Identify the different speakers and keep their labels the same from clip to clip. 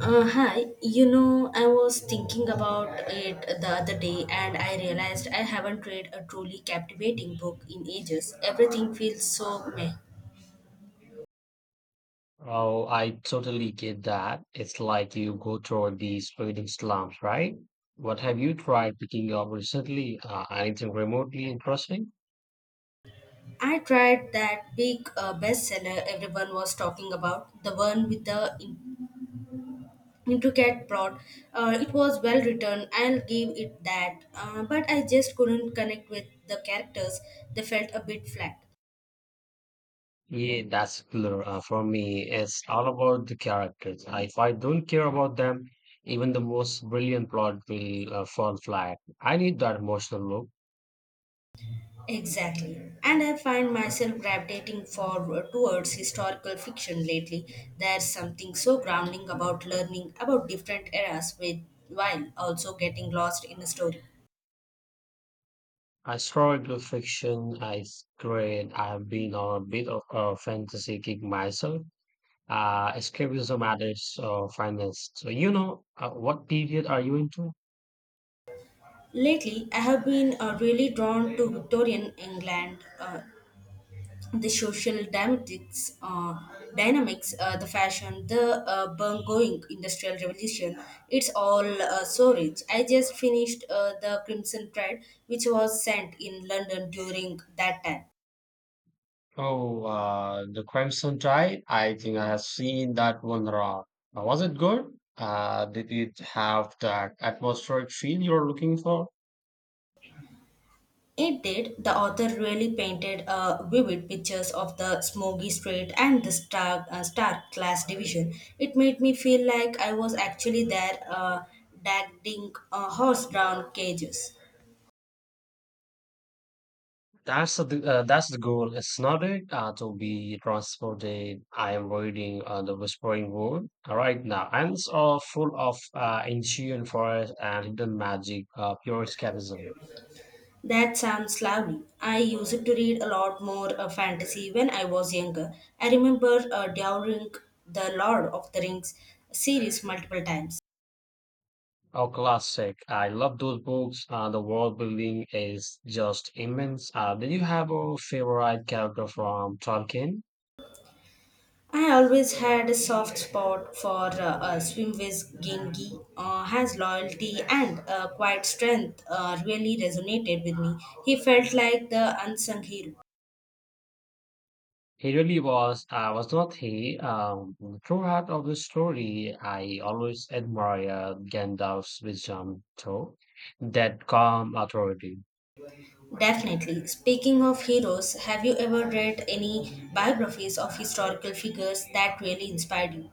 Speaker 1: Hi, you know, I was thinking about it the other day and I realized I haven't read a truly captivating book in ages. Everything feels so meh.
Speaker 2: Oh, I totally get that. It's like you go through these reading slumps, right? What have you tried picking up recently? Anything remotely interesting?
Speaker 1: I tried that big bestseller everyone was talking about, the one with the intricate plot. It was well written, I'll give it that, but I just couldn't connect with the characters. They felt a bit flat.
Speaker 2: Yeah, that's clear. For me, it's all about the characters. If I don't care about them, even the most brilliant plot will fall flat. I need that emotional look.
Speaker 1: Exactly. And I find myself gravitating forward towards historical fiction lately. There's something so grounding about learning about different eras with, while also getting lost in the story.
Speaker 2: I struggle with fiction. I grade. I have been on a bit of a fantasy kick myself. Escapism at its finest. So, what period are you into?
Speaker 1: Lately, I have been really drawn to Victorian England. The social dynamics, the fashion, the ongoing industrial revolution. It's all so rich. I just finished the Crimson Thread, which was sent in London during that time.
Speaker 2: Oh, the Crimson Tide. I think I have seen that one around. Was it good? Did it have that atmospheric feel you're looking for?
Speaker 1: It did. The author really painted vivid pictures of the smoky street and the stark, stark class division. It made me feel like I was actually there, dragging horse-drawn cages.
Speaker 2: That's the goal. It's not it to be transported. I am reading the Whispering Wood right now, and it's all full of ancient forest and hidden magic, pure escapism.
Speaker 1: That sounds lovely. I used to read a lot more fantasy when I was younger. I remember devouring the Lord of the Rings series multiple times.
Speaker 2: Oh, classic! I love those books. The world building is just immense. Did you have a favorite character from Tolkien?
Speaker 1: I always had a soft spot for Swimwiz Gengi. His loyalty and quiet strength really resonated with me. He felt like the unsung hero.
Speaker 2: He really was. I was not he. Throughout of the story, I always admire Gandalf's wisdom, though, that calm authority.
Speaker 1: Definitely. Speaking of heroes, have you ever read any biographies of historical figures that really inspired you?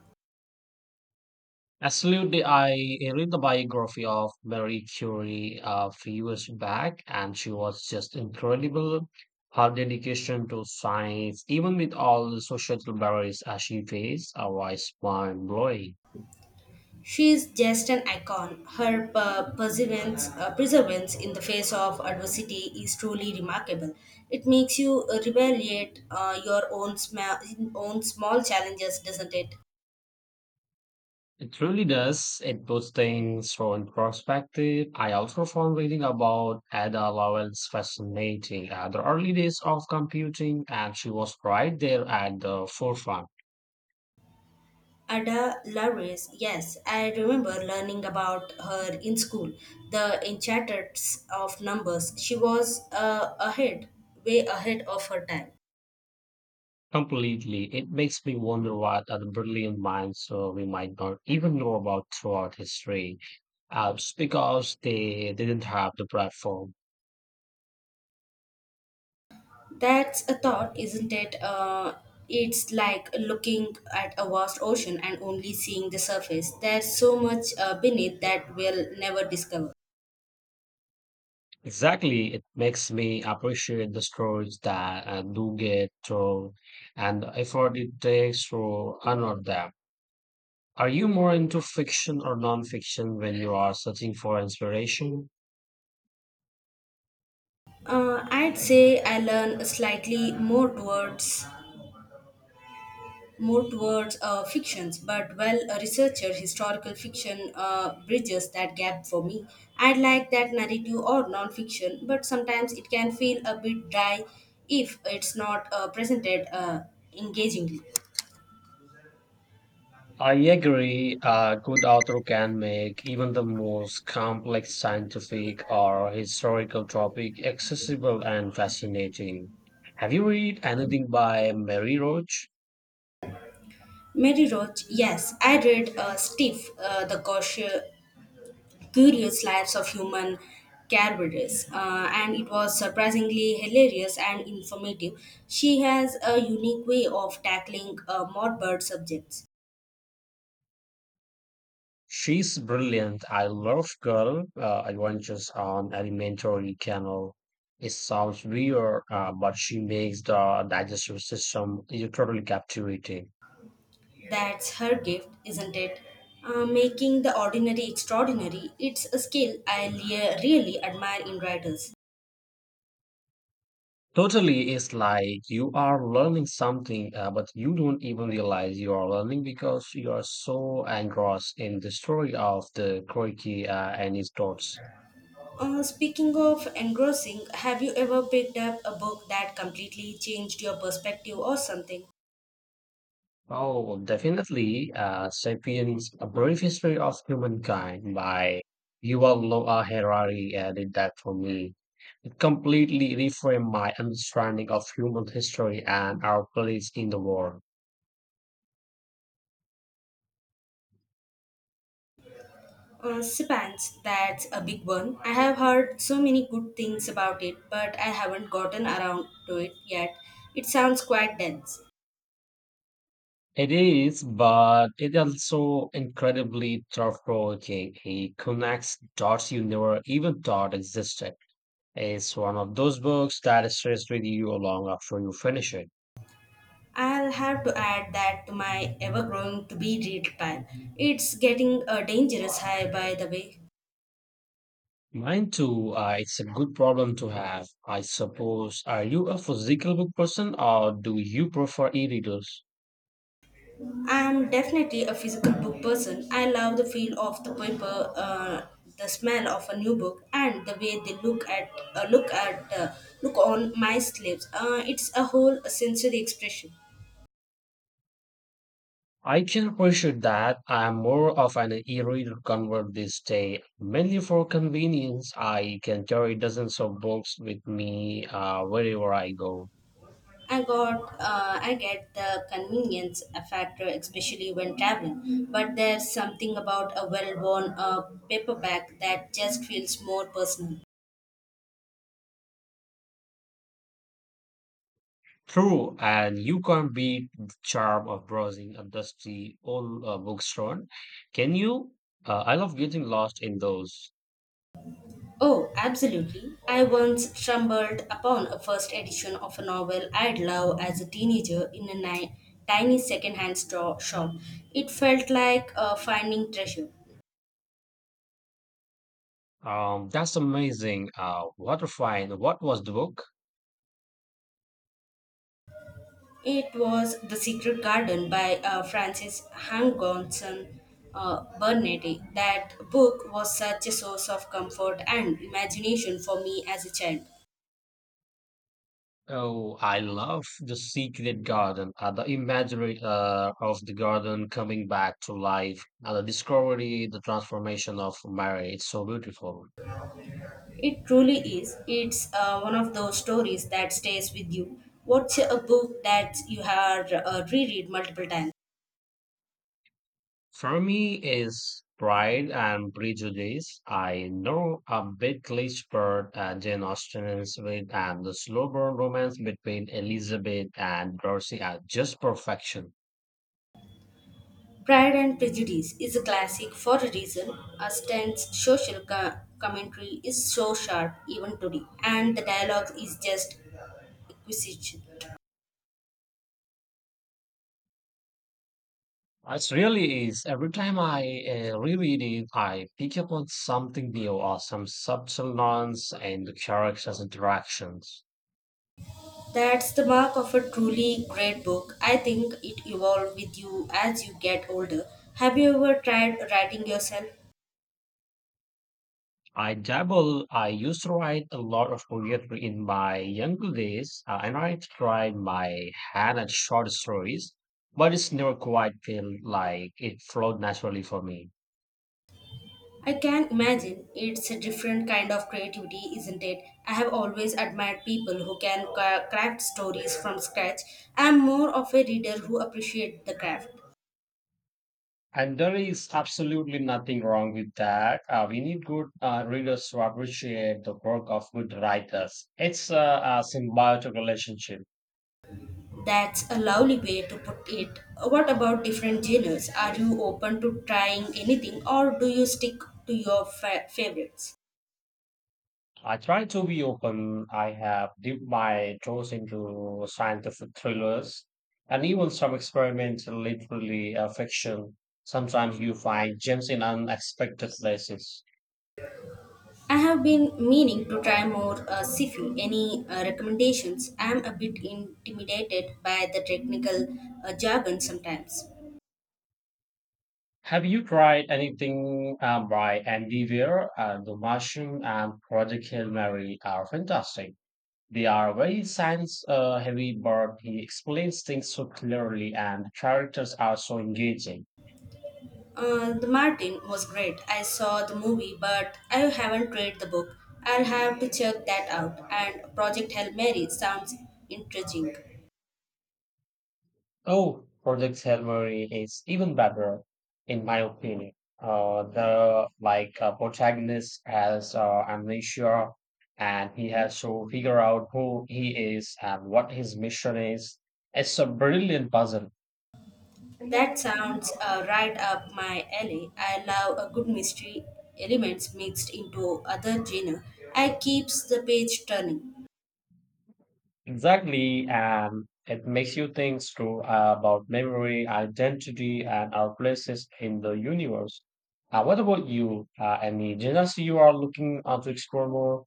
Speaker 2: Absolutely, I read the biography of Marie Curie a few years back, and she was just incredible. Her dedication to science, even with all the social barriers as she faced, was mind blowing.
Speaker 1: She is just an icon. Her perseverance, perseverance in the face of adversity is truly remarkable. It makes you reevaluate your own, own small challenges, doesn't it?
Speaker 2: It truly does. It puts things so in perspective. I also found reading about Ada Lovelace fascinating. At the early days of computing, and she was right there at the forefront.
Speaker 1: Ada Lovelace, yes, I remember learning about her in school, the enchanters of numbers. She was ahead, way ahead of her time.
Speaker 2: Completely. It makes me wonder what other brilliant minds we might not even know about throughout history. It's because they didn't have the platform.
Speaker 1: That's a thought, isn't it? It's like looking at a vast ocean and only seeing the surface. There's so much beneath that we'll never discover.
Speaker 2: Exactly. It makes me appreciate the stories that I do get told and the effort it takes to honor them. Are you more into fiction or nonfiction when you are searching for inspiration?
Speaker 1: I'd say I learn slightly more towards fictions, but well, a researcher, historical fiction bridges that gap for me. I'd like that narrative or non-fiction, but sometimes it can feel a bit dry if it's not presented engagingly.
Speaker 2: I agree. A good author can make even the most complex scientific or historical topic accessible and fascinating. Have you read anything by Mary Roach?
Speaker 1: Mary Roach, yes, I read Stiff, The Cautious, Curious Lives of Human Caribous, and it was surprisingly hilarious and informative. She has a unique way of tackling morbid subjects.
Speaker 2: She's brilliant. I love Girl Adventures on Elementary Canal. It sounds weird, but she makes the digestive system totally captivating.
Speaker 1: That's her gift, isn't it? Making the ordinary extraordinary. It's a skill I really admire in writers.
Speaker 2: Totally, it's like you are learning something, but you don't even realize you are learning because you are so engrossed in the story of the Croiki and his thoughts.
Speaker 1: Speaking of engrossing, have you ever picked up a book that completely changed your perspective or something?
Speaker 2: Oh, definitely, *Sapiens: A Brief History of Humankind* by Yuval Noah Harari did that for me. It completely reframed my understanding of human history and our place in the world.
Speaker 1: Spans, that's a big one. I have heard so many good things about it, but I haven't gotten around to it yet. It sounds quite dense.
Speaker 2: It is, but it also incredibly thought-provoking. It connects dots you never even thought existed. It's one of those books that stays with you long after you finish it.
Speaker 1: I'll have to add that to my ever growing to be read pile. It's getting a dangerous high, by the way.
Speaker 2: Mine too. It's a good problem to have, I suppose. Are you a physical book person, or do you prefer e-readers?
Speaker 1: I'm definitely a physical book person. I love the feel of the paper, the smell of a new book, and the way they look on my sleeves. It's a whole sensory expression.
Speaker 2: I can appreciate that. I'm more of an e-reader convert this day, mainly for convenience. I can carry dozens of books with me wherever I go.
Speaker 1: I got I get the convenience factor, especially when traveling. But there's something about a well-worn paperback that just feels more personal.
Speaker 2: True, and you can't beat the charm of browsing a dusty old bookstore, can you? I love getting lost in those.
Speaker 1: Oh, absolutely! I once stumbled upon a first edition of a novel I'd love as a teenager in a tiny second-hand store shop. It felt like finding treasure.
Speaker 2: That's amazing. What a find! What was the book?
Speaker 1: It was The Secret Garden by Francis Hangonson Burnetti. That book was such a source of comfort and imagination for me as a child.
Speaker 2: Oh, I love the secret garden, the imagery of the garden coming back to life, and the discovery, the transformation of Mary. It's so beautiful.
Speaker 1: It truly is. It's one of those stories that stays with you. What's a book that you have reread multiple times?
Speaker 2: For me, is Pride and Prejudice. I know a bit cliché bird Jane Austen is with, and the slow burn romance between Elizabeth and Darcy are just perfection.
Speaker 1: Pride and Prejudice is a classic for a reason. Austen's social commentary is so sharp even today, and the dialogue is just exquisite.
Speaker 2: It really is. Every time I reread it, I pick up on something new or some subtle nuance in the characters' interactions.
Speaker 1: That's the mark of a truly great book. I think it evolves with you as you get older. Have you ever tried writing yourself?
Speaker 2: I dabble. I used to write a lot of poetry in my younger days, and I tried my hand at short stories, but it's never quite felt like it flowed naturally for me.
Speaker 1: I can imagine it's a different kind of creativity, isn't it? I have always admired people who can craft stories from scratch. I'm more of a reader who appreciates the craft.
Speaker 2: And there is absolutely nothing wrong with that. We need good readers to appreciate the work of good writers. It's a symbiotic relationship.
Speaker 1: That's a lovely way to put it. What about different genres? Are you open to trying anything or do you stick to your favorites?
Speaker 2: I try to be open. I have dipped my toes into scientific thrillers and even some experimental literary fiction. Sometimes you find gems in unexpected places.
Speaker 1: I have been meaning to try more Sifi. Any recommendations? I am a bit intimidated by the technical jargon sometimes.
Speaker 2: Have you tried anything by Andy Weir? The Martian and Project Hail Mary are fantastic. They are very science heavy, but he explains things so clearly and the characters are so engaging.
Speaker 1: The Martin was great. I saw the movie, but I haven't read the book. I'll have to check that out. And Project Hail Mary sounds intriguing.
Speaker 2: Oh, Project Hail Mary is even better, in my opinion. The protagonist has amnesia, and he has to figure out who he is and what his mission is. It's a brilliant puzzle.
Speaker 1: That sounds right up my alley. I love a good mystery elements mixed into other genre. I keeps the page turning.
Speaker 2: Exactly, and it makes you think through about memory, identity, and our places in the universe. What about you? Any genres you are looking to explore more?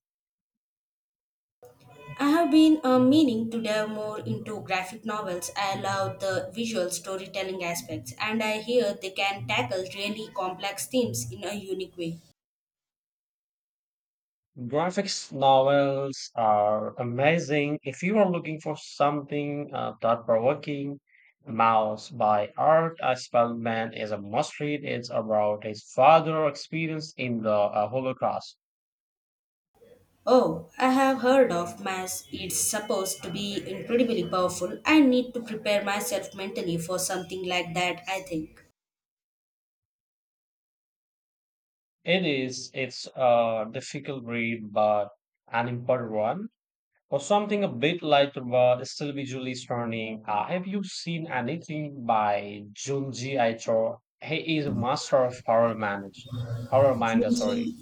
Speaker 1: I have been meaning to delve more into graphic novels. I love the visual storytelling aspects, and I hear they can tackle really complex themes in a unique way.
Speaker 2: Graphics novels are amazing. If you are looking for something thought-provoking, Mouse by Art Spellman is a must-read. It's about his father experience in the Holocaust.
Speaker 1: Oh, I have heard of Mass. It's supposed to be incredibly powerful. I need to prepare myself mentally for something like that, I think.
Speaker 2: It is. It's a difficult read, but an important one. Or something a bit lighter, but still visually stunning. Have you seen anything by Junji Ito? He is a master of horror manga. Sorry,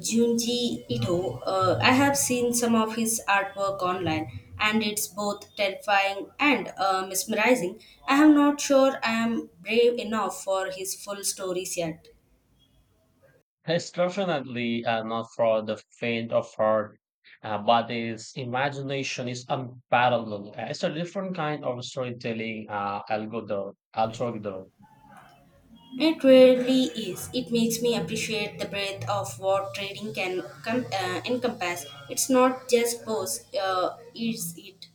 Speaker 1: Junji Ito, I have seen some of his artwork online and it's both terrifying and mesmerizing. I am not sure I am brave enough for his full stories yet.
Speaker 2: it's definitely not for the faint of heart, but his imagination is unparalleled. It's a different kind of storytelling Algorithm.
Speaker 1: It really is. It makes me appreciate the breadth of what trading can encompass. It's not just pose, is it?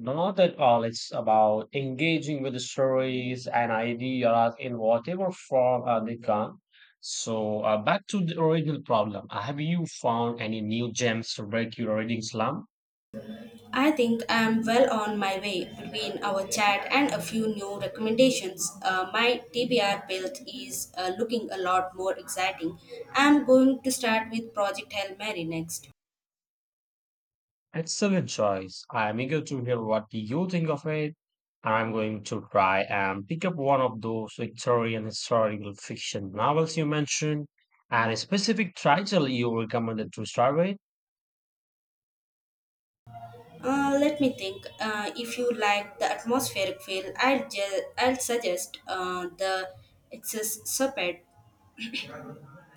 Speaker 2: Not at all. It's about engaging with the stories and ideas in whatever form they come. So, back to the original problem. Have you found any new gems to break your reading slump?
Speaker 1: I think I'm well on my way between our chat and a few new recommendations. My TBR build is looking a lot more exciting. I'm going to start with Project Hail Mary next.
Speaker 2: Excellent choice. I am eager to hear what you think of it, and I'm going to try and pick up one of those Victorian historical fiction novels you mentioned and a specific title you recommended to start with.
Speaker 1: Let me think. If you like the atmospheric feel, I'll I'll suggest the Excess Serpent,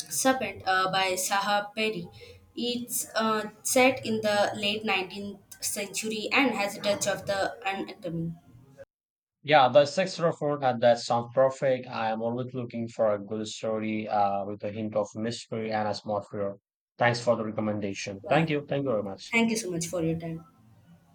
Speaker 1: Serpent by Saha Perry. It's set in the late 19th century and has a touch of the unacademy.
Speaker 2: Yeah, the sexual format that sounds perfect. I am always looking for a good story with a hint of mystery and a small fear. Thanks for the recommendation.
Speaker 1: Yeah.
Speaker 2: Thank you. Thank you very much.
Speaker 1: Thank you so much for your time.